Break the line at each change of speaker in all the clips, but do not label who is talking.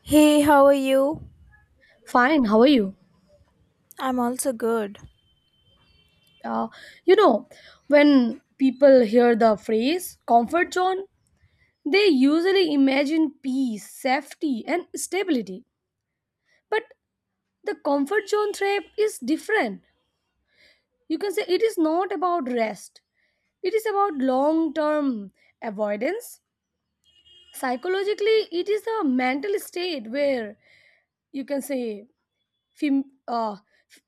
Hey, how are you?
Fine, how are you?
I'm also good.
Uh, you know, when people hear the phrase comfort zone, they usually imagine peace, safety, and stability. But the comfort zone trap is different. You can say it is not about rest, it is about long term avoidance. Psychologically, it is a mental state where you can say Fam- f-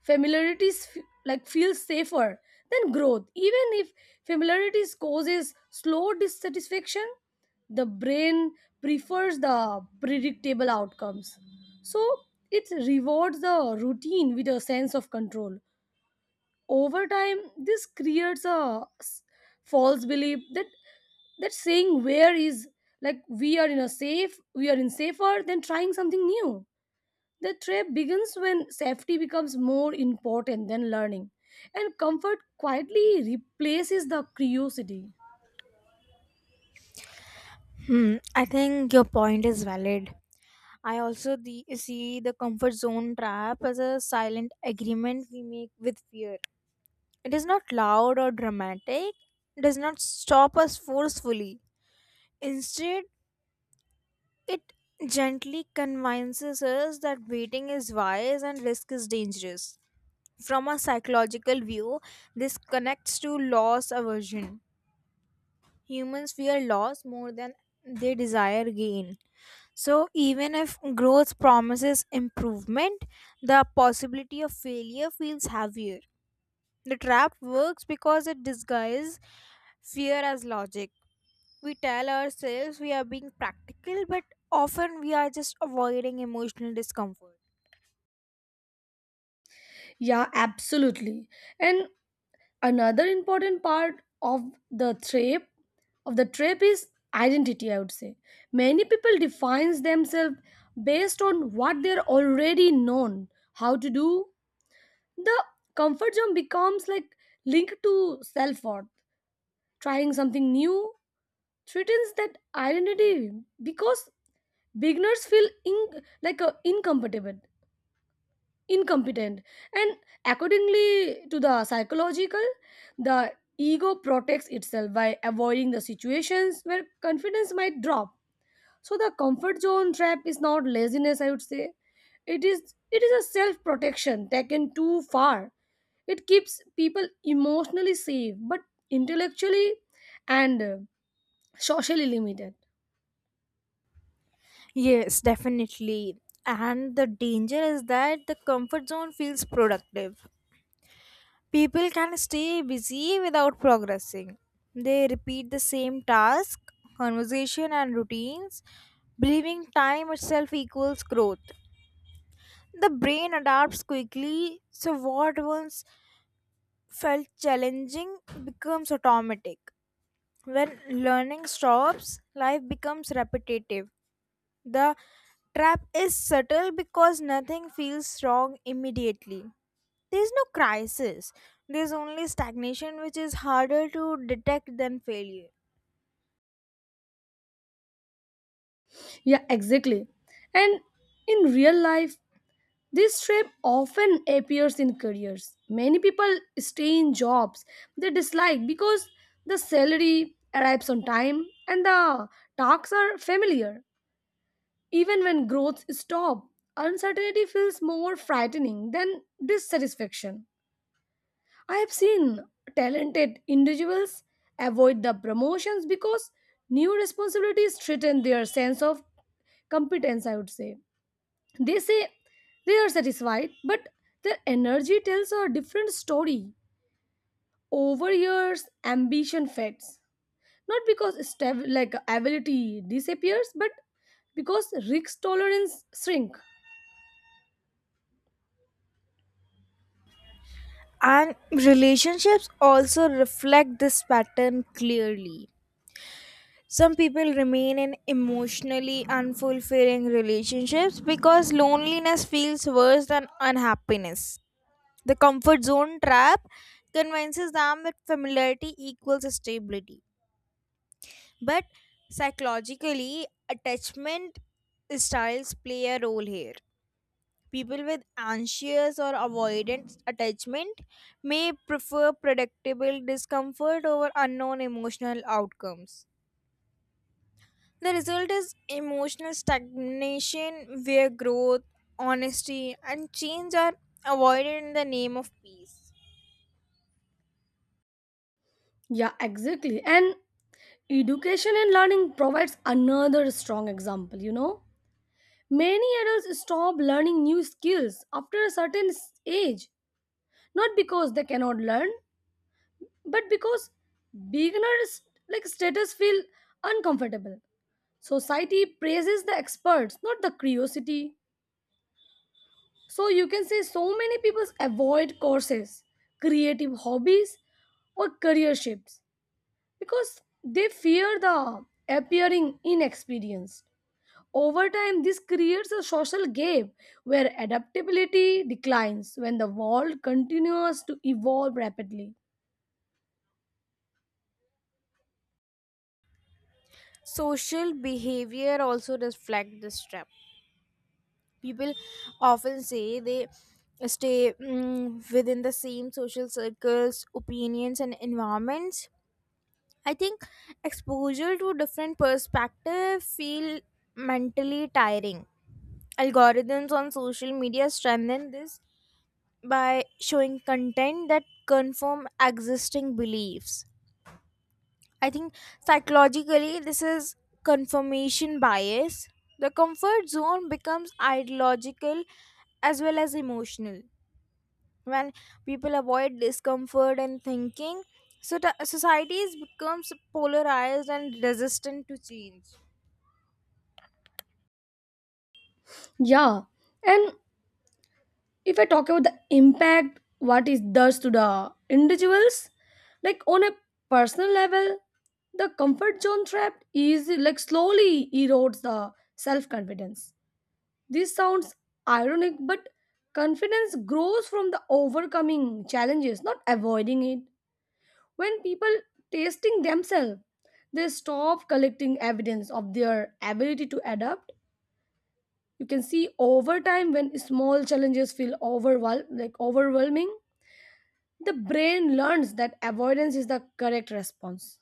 familiarities like feels safer than growth. Even if familiarities causes slow dissatisfaction, the brain prefers the predictable outcomes. So it rewards the routine with a sense of control. Over time, this creates a false belief that that saying where is like we are in a safe, we are in safer than trying something new. The trap begins when safety becomes more important than learning, and comfort quietly replaces the curiosity.
I think your point is valid. I see the comfort zone trap as a silent agreement we make with fear. It is not loud or dramatic, it does not stop us forcefully. Instead, it gently convinces us that waiting is wise and risk is dangerous. From a psychological view, this connects to loss aversion. Humans fear loss more than they desire gain. So, even if growth promises improvement, the possibility of failure feels heavier. The trap works because it disguises fear as logic. We tell ourselves we are being practical, but often we are just avoiding emotional discomfort.
Yeah, absolutely. And another important part of the trap the trap is identity, I would say. Many people defines themselves based on what they're already known, how to do. The comfort zone becomes like linked to self-worth. Trying something new threatens that identity because beginners feel in, like incompetent incompetent and accordingly to the psychological the ego protects itself by avoiding the situations where confidence might drop, so the comfort zone trap is not laziness, I would say. It is a self protection taken too far. It keeps people emotionally safe but intellectually and socially limited.
Yes, definitely. And the danger is that the comfort zone feels productive. People can stay busy without progressing. They repeat the same task, conversation, and routines, believing time itself equals growth. The brain adapts quickly, so what once felt challenging becomes automatic. When learning stops, life becomes repetitive. The trap is subtle because nothing feels wrong immediately. There's no crisis. There's only stagnation, which is harder to detect than failure.
Yeah, exactly. And in real life, this shape often appears in careers. Many people stay in jobs they dislike because the salary arrives on time and the tasks are familiar. Even when growth stops, uncertainty feels more frightening than dissatisfaction. I have seen talented individuals avoid the promotions because new responsibilities threaten their sense of competence, I would say. They say they are satisfied, but their energy tells a different story. Over years, ambition fades. Not because like ability disappears, but because risk tolerance shrink.
And relationships also reflect this pattern clearly. Some people remain in emotionally unfulfilling relationships because loneliness feels worse than unhappiness. The comfort zone trap convinces them that familiarity equals stability. But psychologically, attachment styles play a role here. People with anxious or avoidant attachment may prefer predictable discomfort over unknown emotional outcomes. The result is emotional stagnation where growth, honesty, and change are avoided in the name of peace.
Yeah, exactly. And education and learning provides another strong example, you know. Many adults stop learning new skills after a certain age, not because they cannot learn, but because beginners like status feel uncomfortable. Society praises the experts, not the curiosity. So you can say, so many people avoid courses, creative hobbies, or career shifts because they fear the appearing inexperienced. Over time this creates a social gap where adaptability declines when the world continues to evolve rapidly.
Social behavior also reflects this trap. People often say they stay within the same social circles, opinions, and environments. I think exposure to different perspective feel mentally tiring. Algorithms on social media strengthen this by showing content that confirm existing beliefs. I think psychologically this is confirmation bias. The comfort zone becomes ideological as well as emotional when people avoid discomfort and thinking, so societies becomes polarized and resistant to change.
Yeah. And if I talk about the impact what it does to the individuals, like on a personal level, the comfort zone trap is like slowly erodes the self confidence. This sounds ironic, but confidence grows from the overcoming challenges, not avoiding it. When people testing themselves, they stop collecting evidence of their ability to adapt. You can see over time when small challenges feel like overwhelming. The brain learns that avoidance is the correct response.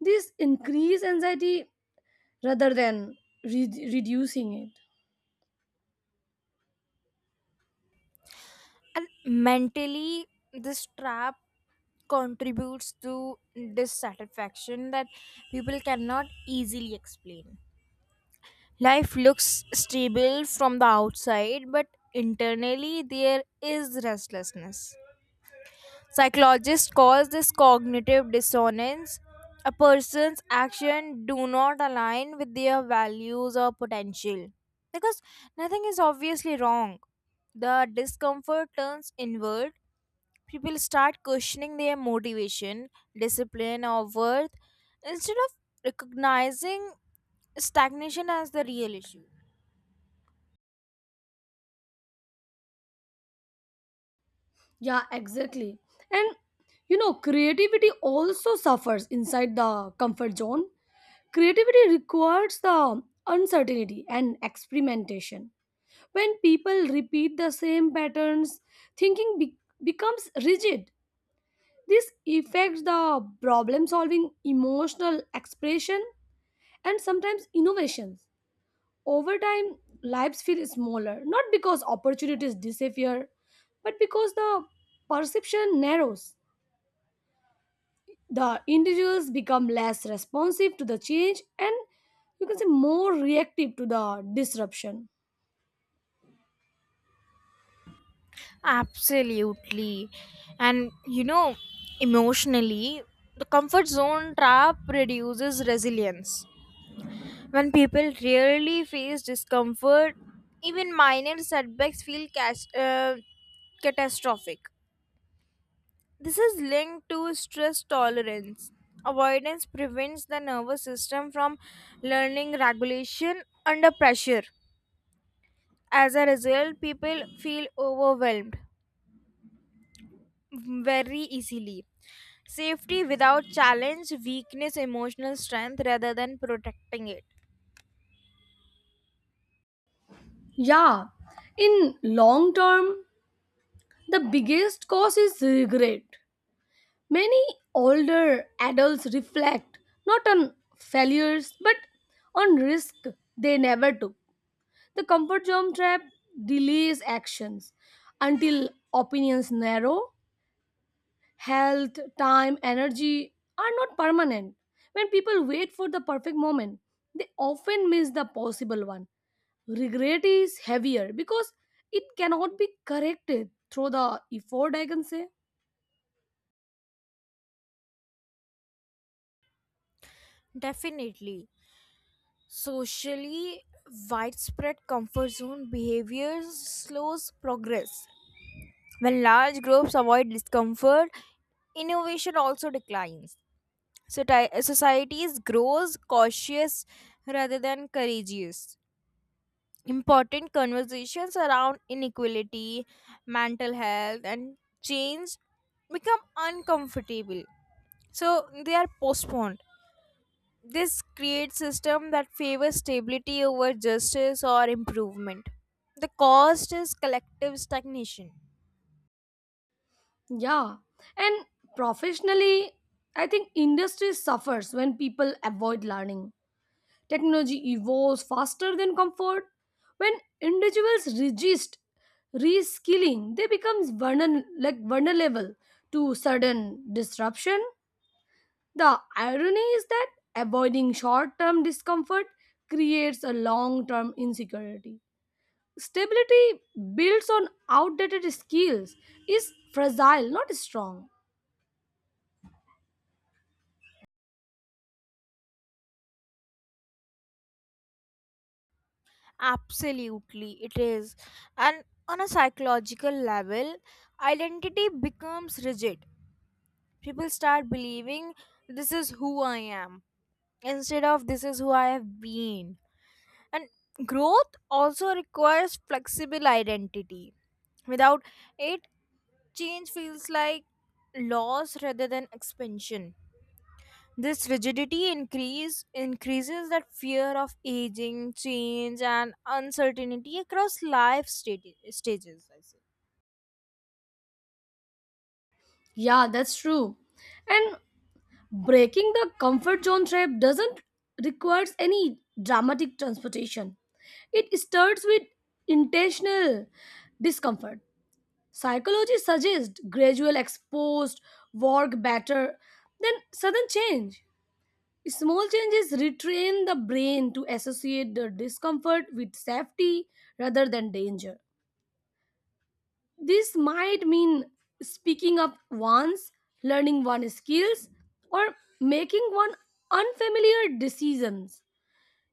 This increases anxiety rather than reducing it.
And mentally this trap contributes to dissatisfaction that people cannot easily explain. Life looks stable from the outside but internally there is restlessness. Psychologists call this cognitive dissonance. A person's actions do not align with their values or potential. Because nothing is obviously wrong. The discomfort turns inward. People start questioning their motivation, discipline, or worth instead of recognizing stagnation as the real issue.
Yeah, exactly. And you know, creativity also suffers inside the comfort zone. Creativity requires the uncertainty and experimentation. When people repeat the same patterns, thinking becomes rigid. This affects the problem solving, emotional expression, and sometimes innovations. Over time, lives feel smaller, not because opportunities disappear, but because the perception narrows. The individuals become less responsive to the change and you can say more reactive to the disruption.
Absolutely. And you know, emotionally, the comfort zone trap reduces resilience. When people rarely face discomfort, even minor setbacks feel catastrophic. This is linked to stress tolerance. Avoidance prevents the nervous system from learning regulation under pressure. As a result, people feel overwhelmed very easily. Safety without challenge, weakness, emotional strength rather than protecting it.
Yeah, in long term, the biggest cause is regret. Many older adults reflect not on failures but on risk they never took. The comfort zone trap delays actions until opinions narrow. Health, time, energy are not permanent. When people wait for the perfect moment, they often miss the possible one. Regret is heavier because it cannot be corrected through the effort, I can say.
Definitely. Socially widespread comfort zone behaviors slows progress. When large groups avoid discomfort, innovation also declines. So societies grows cautious rather than courageous. Important conversations around inequality, mental health, and change become uncomfortable. So they are postponed. This creates system that favors stability over justice or improvement. The cost is collective stagnation.
Yeah. And professionally, I think industry suffers when people avoid learning. Technology evolves faster than comfort. When individuals resist reskilling, they become like vulnerable to sudden disruption. The irony is that avoiding short term discomfort creates a long term insecurity. Stability built on outdated skills is fragile, not strong.
Absolutely, it is. And on a psychological level, identity becomes rigid. People start believing this is who I am instead of this is who I have been. And growth also requires flexible identity. Without it, change feels like loss rather than expansion. This rigidity increases that fear of aging, change, and uncertainty across stages. I say.
Yeah, that's true. And breaking the comfort zone trap doesn't requires any dramatic transportation. It starts with intentional discomfort. Psychology suggests gradual exposed work better than sudden change. Small changes retrain the brain to associate the discomfort with safety rather than danger. This might mean speaking up once, learning one skills, or making one unfamiliar decisions.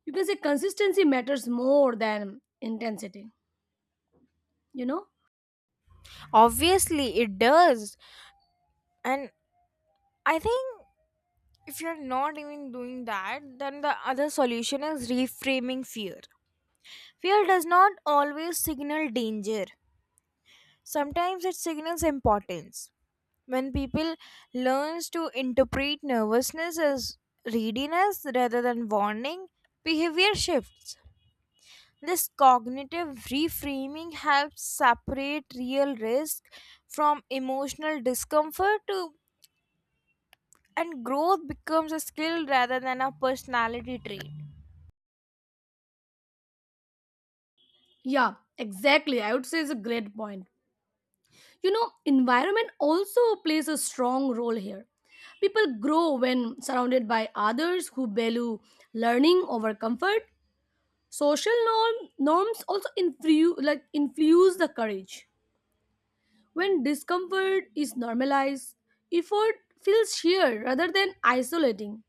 You can say consistency matters more than intensity, you know?
Obviously, it does, and I think if you're not even doing that, then the other solution is reframing fear. Fear does not always signal danger. Sometimes it signals importance. When people learns to interpret nervousness as readiness rather than warning, behavior shifts. This cognitive reframing helps separate real risk from emotional discomfort to, and growth becomes a skill rather than a personality trait.
Yeah, exactly. I would say it's a great point. You know, environment also plays a strong role here. People grow when surrounded by others who value learning over comfort. Norms also like infuse the courage. When discomfort is normalized, effort feels shared rather than isolating.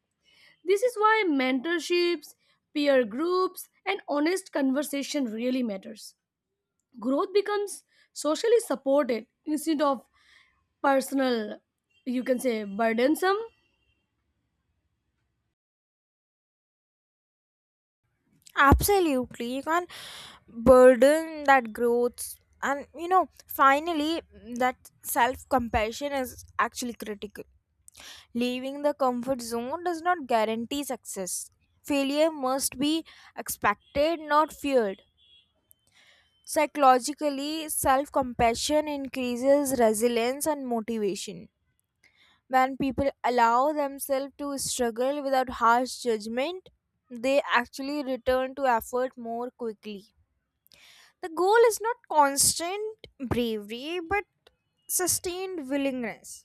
This is why mentorships, peer groups, and honest conversation really matters. Growth becomes socially supported instead of personal, you can say, burdensome.
Absolutely, you can't burden that growth. And you know, finally, that self compassion is actually critical. Leaving the comfort zone does not guarantee success. Failure must be expected, not feared. Psychologically, self compassion increases resilience and motivation. When people allow themselves to struggle without harsh judgment, they actually return to effort more quickly. The goal is not constant bravery, but sustained willingness.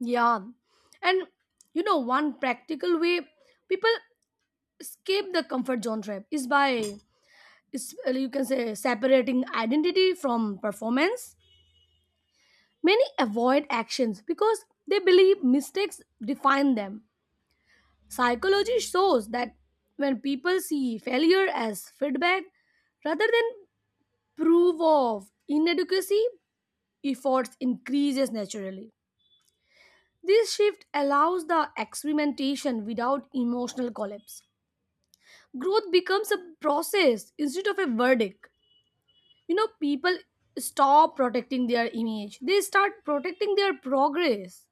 Yeah. And you know, one practical way people escape the comfort zone trap is you can say, separating identity from performance. Many avoid actions because they believe mistakes define them. Psychology shows that when people see failure as feedback rather than proof of inadequacy, efforts increases naturally. This shift allows the experimentation without emotional collapse. Growth becomes a process instead of a verdict. You know, people stop protecting their image. They start protecting their progress.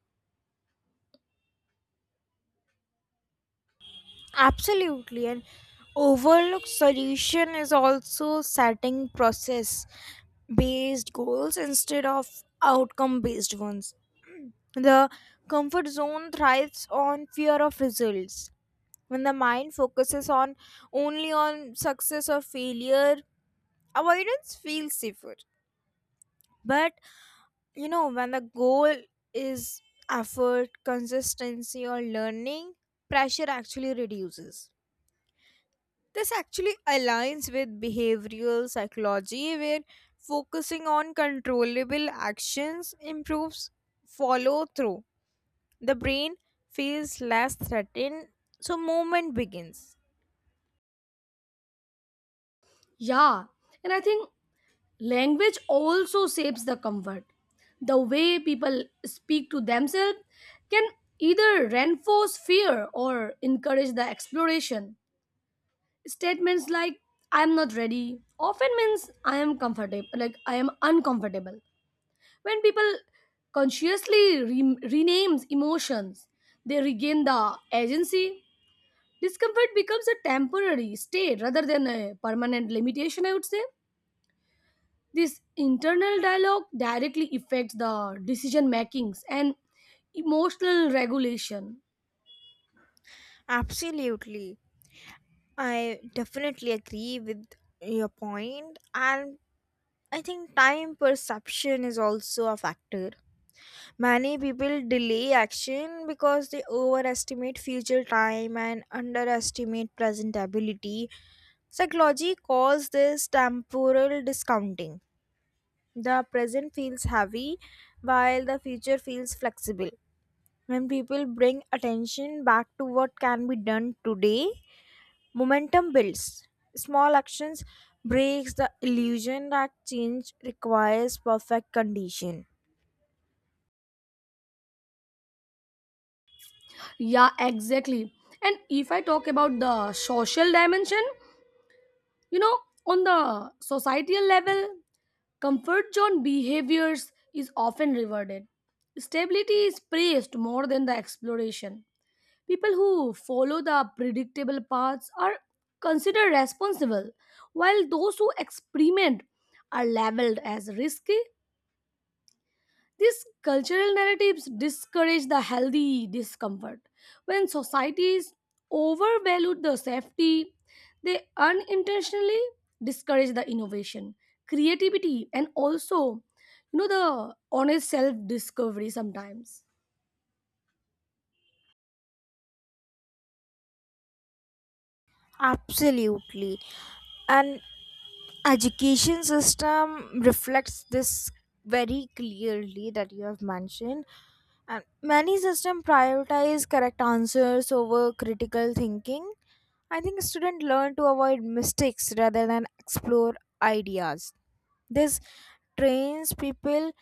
Absolutely. An overlooked solution is also setting process based goals instead of outcome based ones. The comfort zone thrives on fear of results. When the mind focuses on only on success or failure, avoidance feels safer. But you know when the goal is effort consistency or learning, pressure actually reduces. This actually aligns with behavioral psychology where focusing on controllable actions improves follow through. The brain feels less threatened, so movement begins.
Yeah, and I think language also shapes the comfort. The way people speak to themselves can either reinforce fear or encourage the exploration. Statements like I'm not ready often means I am uncomfortable. When people consciously renames emotions, they regain the agency. Discomfort becomes a temporary state rather than a permanent limitation, I would say. This internal dialogue directly affects the decision makings and emotional regulation.
Absolutely. I definitely agree with your point, and I think time perception is also a factor. Many people delay action because they overestimate future time and underestimate present ability. Psychology calls this temporal discounting. The present feels heavy while the future feels flexible. When people bring attention back to what can be done today, momentum builds. Small actions breaks the illusion that change requires perfect condition.
Yeah, exactly. And if I talk about the social dimension, you know, on the societal level, comfort zone behaviors is often rewarded. Stability is praised more than the exploration. People who follow the predictable paths are considered responsible, while those who experiment are labeled as risky. These cultural narratives discourage the healthy discomfort. When societies overvalue the safety, they unintentionally discourage the innovation, creativity, and also, you know, the honest self discovery sometimes.
Absolutely. And education system reflects this very clearly that you have mentioned, and many systems prioritize correct answers over critical thinking. I think students learn to avoid mistakes rather than explore ideas. This trains people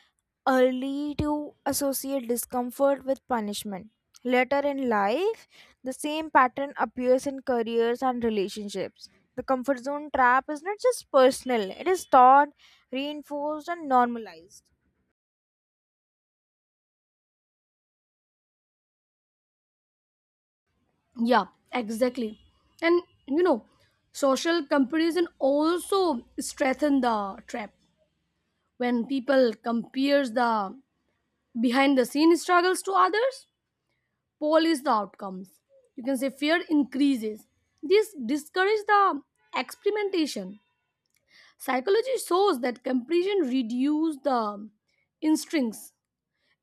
early to associate discomfort with punishment. Later in life, the same pattern appears in careers and relationships. The comfort zone trap is not just personal, it is taught, reinforced, and normalized.
Yeah, exactly. And, you know, social comparison also strengthen the trap when people compares the behind the scene struggles to others polish the outcomes. You can say fear increases. This discourages the experimentation. Psychology shows that comparison reduces the instincts,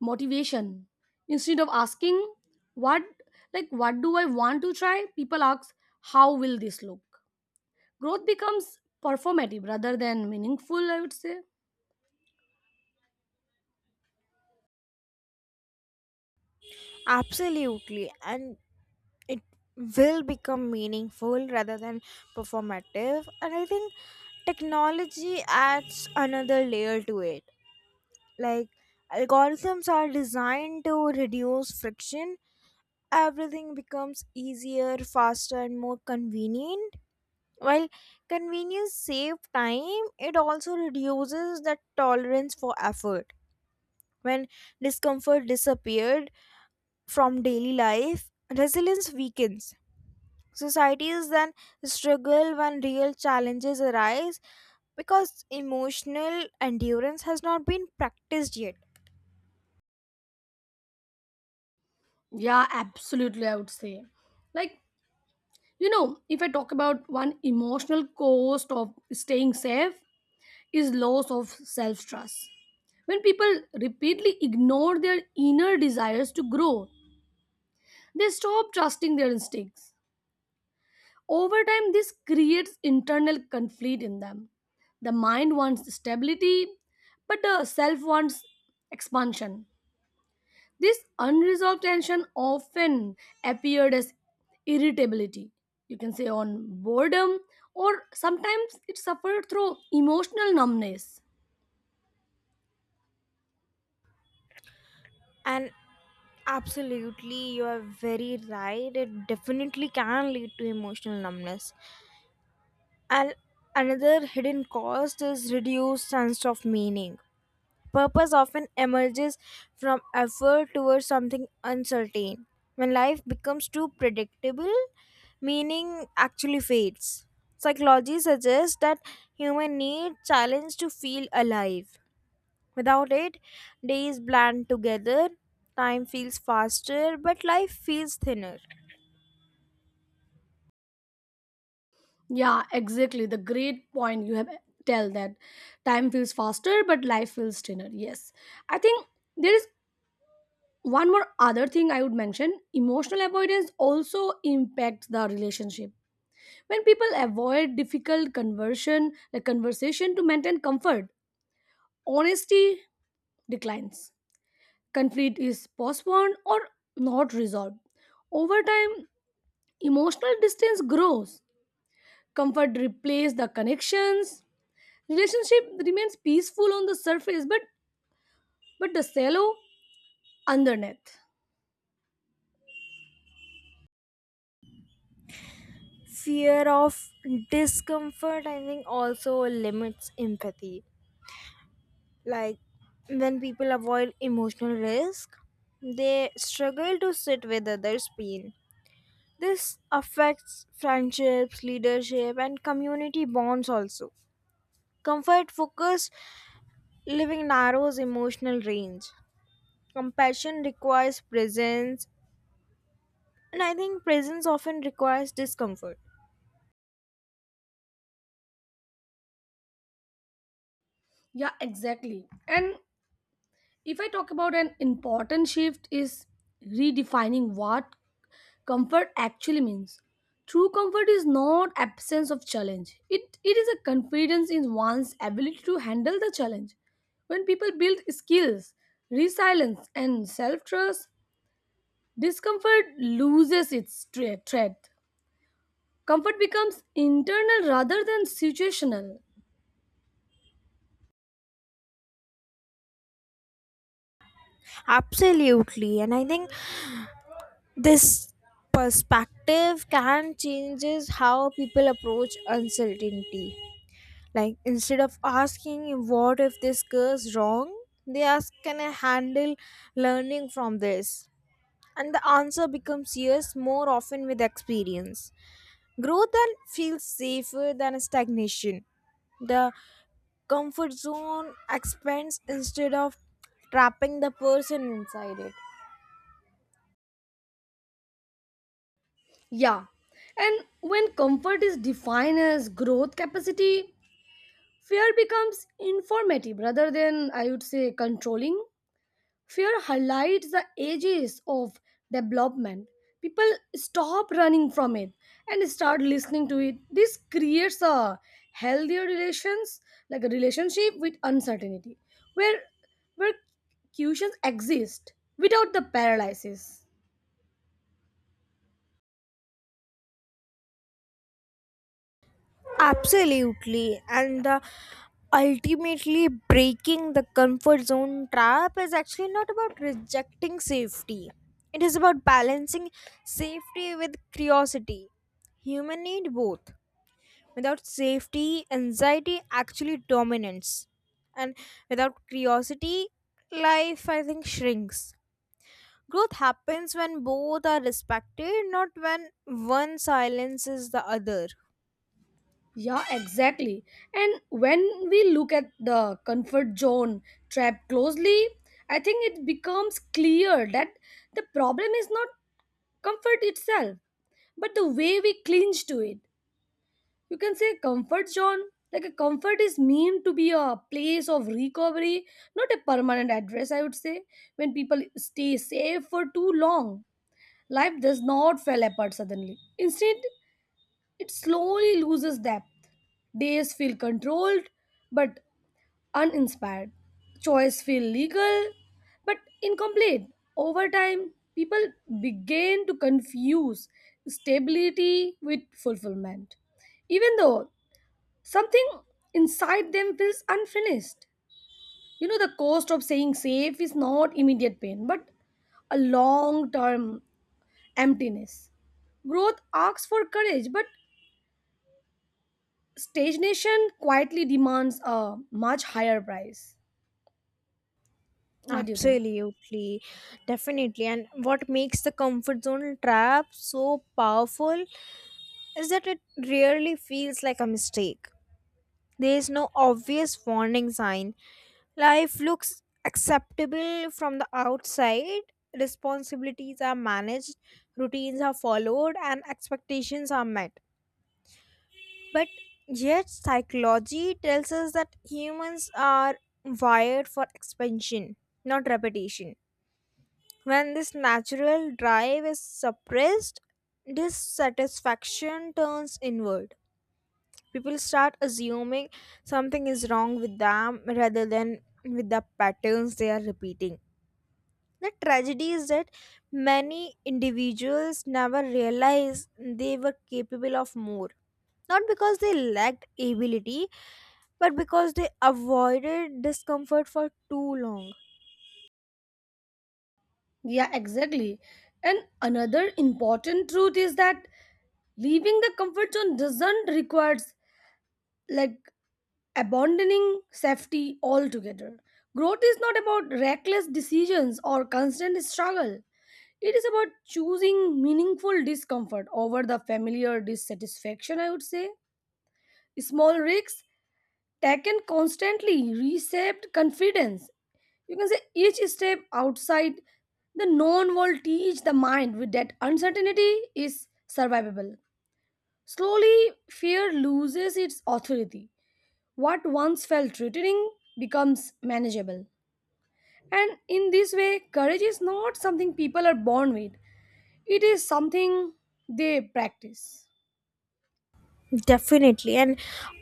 motivation. Instead of asking what like what do I want to try, people ask how will this look? Growth becomes performative rather than meaningful, I would say.
Absolutely. And it will become meaningful rather than performative, and I think technology adds another layer to it. Like, algorithms are designed to reduce friction. Everything becomes easier, faster, and more convenient. While convenience saves time, it also reduces the tolerance for effort. When discomfort disappears from daily life, resilience weakens. Societies then struggle when real challenges arise because emotional endurance has not been practiced yet.
Yeah, absolutely, I would say. Like, you know, if I talk about one emotional cost of staying safe, is loss of self trust. When people repeatedly ignore their inner desires to grow, they stop trusting their instincts. Over time, this creates internal conflict in them. The mind wants stability, but the self wants expansion. This unresolved tension often appeared as irritability. You can say on boredom, or sometimes it suffered through emotional numbness.
And absolutely, you are very right. It definitely can lead to emotional numbness. And another hidden cost is reduced sense of meaning. Purpose often emerges from effort towards something uncertain. When life becomes too predictable, meaning actually fades. Psychology suggests that humans need challenge to feel alive. Without it, days blend together, time feels faster, but life feels thinner.
Yeah, exactly. The great point you have tell that time feels faster, but life feels thinner. Yes, I think there is one more other thing I would mention. Emotional avoidance also impacts the relationship. When people avoid difficult conversion, like conversation to maintain comfort, honesty declines. Conflict is postponed or not resolved. Over time, emotional distance grows. Comfort replaces the connections. Relationship remains peaceful on the surface, but the shallow underneath.
Fear of discomfort, I think, also limits empathy. Like, when people avoid emotional risk, they struggle to sit with others' pain. This affects friendships, leadership, and community bonds also. Comfort focused living narrows emotional range. Compassion requires presence, and I think presence often requires discomfort.
Yeah, exactly. And if I talk about an important shift is redefining what comfort actually means. True comfort is not absence of challenge, it is a confidence in one's ability to handle the challenge. When people build skills, resilience, and self trust, discomfort loses its threat. Comfort becomes internal rather than situational.
Absolutely, and I think this perspective can changes how people approach uncertainty. Like instead of asking what if this goes wrong, they ask can I handle learning from this? And the answer becomes yes more often with experience. Growth then feels safer than stagnation. The comfort zone expands instead of trapping the person inside it.
Yeah. And when comfort is defined as growth capacity, fear becomes informative rather than, I would say, controlling. Fear highlights the ages of development. People stop running from it and start listening to it. This creates a healthier relations, like a relationship with uncertainty, where where cushions exist without the paralysis.
Absolutely. And the ultimately breaking the comfort zone trap is actually not about rejecting safety. It is about balancing safety with curiosity. Human need both. Without safety, anxiety actually dominates. And without curiosity, life I think shrinks. Growth happens when both are respected, not when one silences the other.
Yeah, exactly. And when we look at the comfort zone trap closely, I think it becomes clear that the problem is not comfort itself, but the way we clinch to it. You can say comfort zone, like a comfort is meant to be a place of recovery, not a permanent address, I would say. When people stay safe for too long, life does not fall apart suddenly. Instead, it slowly loses depth. Days feel controlled but uninspired. Choice feel legal but incomplete. Over time, people begin to confuse stability with fulfillment, even though something inside them feels unfinished. You know, the cost of saying safe is not immediate pain, but a long term emptiness. Growth asks for courage, but stagnation quietly demands a much higher price. What do you think?
Absolutely, definitely. And what makes the comfort zone trap so powerful is that it rarely feels like a mistake. There is no obvious warning sign. Life looks acceptable from the outside, responsibilities are managed, routines are followed, and expectations are met. But yet, psychology tells us that humans are wired for expansion, not repetition. When this natural drive is suppressed, dissatisfaction turns inward. People start assuming something is wrong with them rather than with the patterns they are repeating. The tragedy is that many individuals never realize they were capable of more. Not because they lacked ability, but because they avoided discomfort for too long.
Yeah, exactly. And another important truth is that leaving the comfort zone doesn't requires like abandoning safety altogether. Growth is not about reckless decisions or constant struggle. It is about choosing meaningful discomfort over the familiar dissatisfaction, I would say. Small risks tech can constantly reshape confidence. You can say each step outside the known will teach the mind with that uncertainty is survivable. Slowly, fear loses its authority. What once felt threatening becomes manageable. And in this way, courage is not something people are born with, it is something they practice.
Definitely. And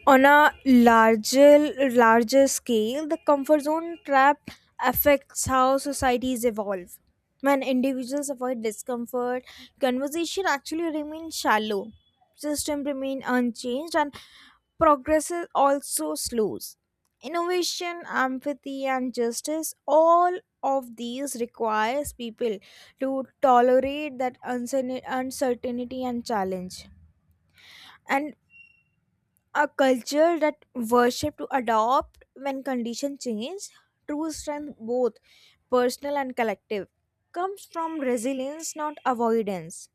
on a larger scale, the comfort zone trap affects how societies evolve. When individuals avoid discomfort, conversation actually remains shallow. System remain unchanged and progress is also slows. Innovation, empathy, and justice, all of these requires people to tolerate that uncertainty and challenge. And a culture that worship to adopt when conditions change, true strength both personal and collective, comes from resilience, not avoidance.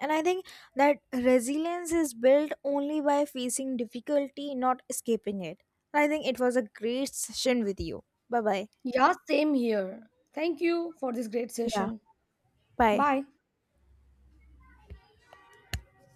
And I think that resilience is built only by facing difficulty, not escaping it. I think it was a great session with you. Bye bye.
Yeah, same here. Thank you for this great
Yeah.
session.
Bye.
Bye.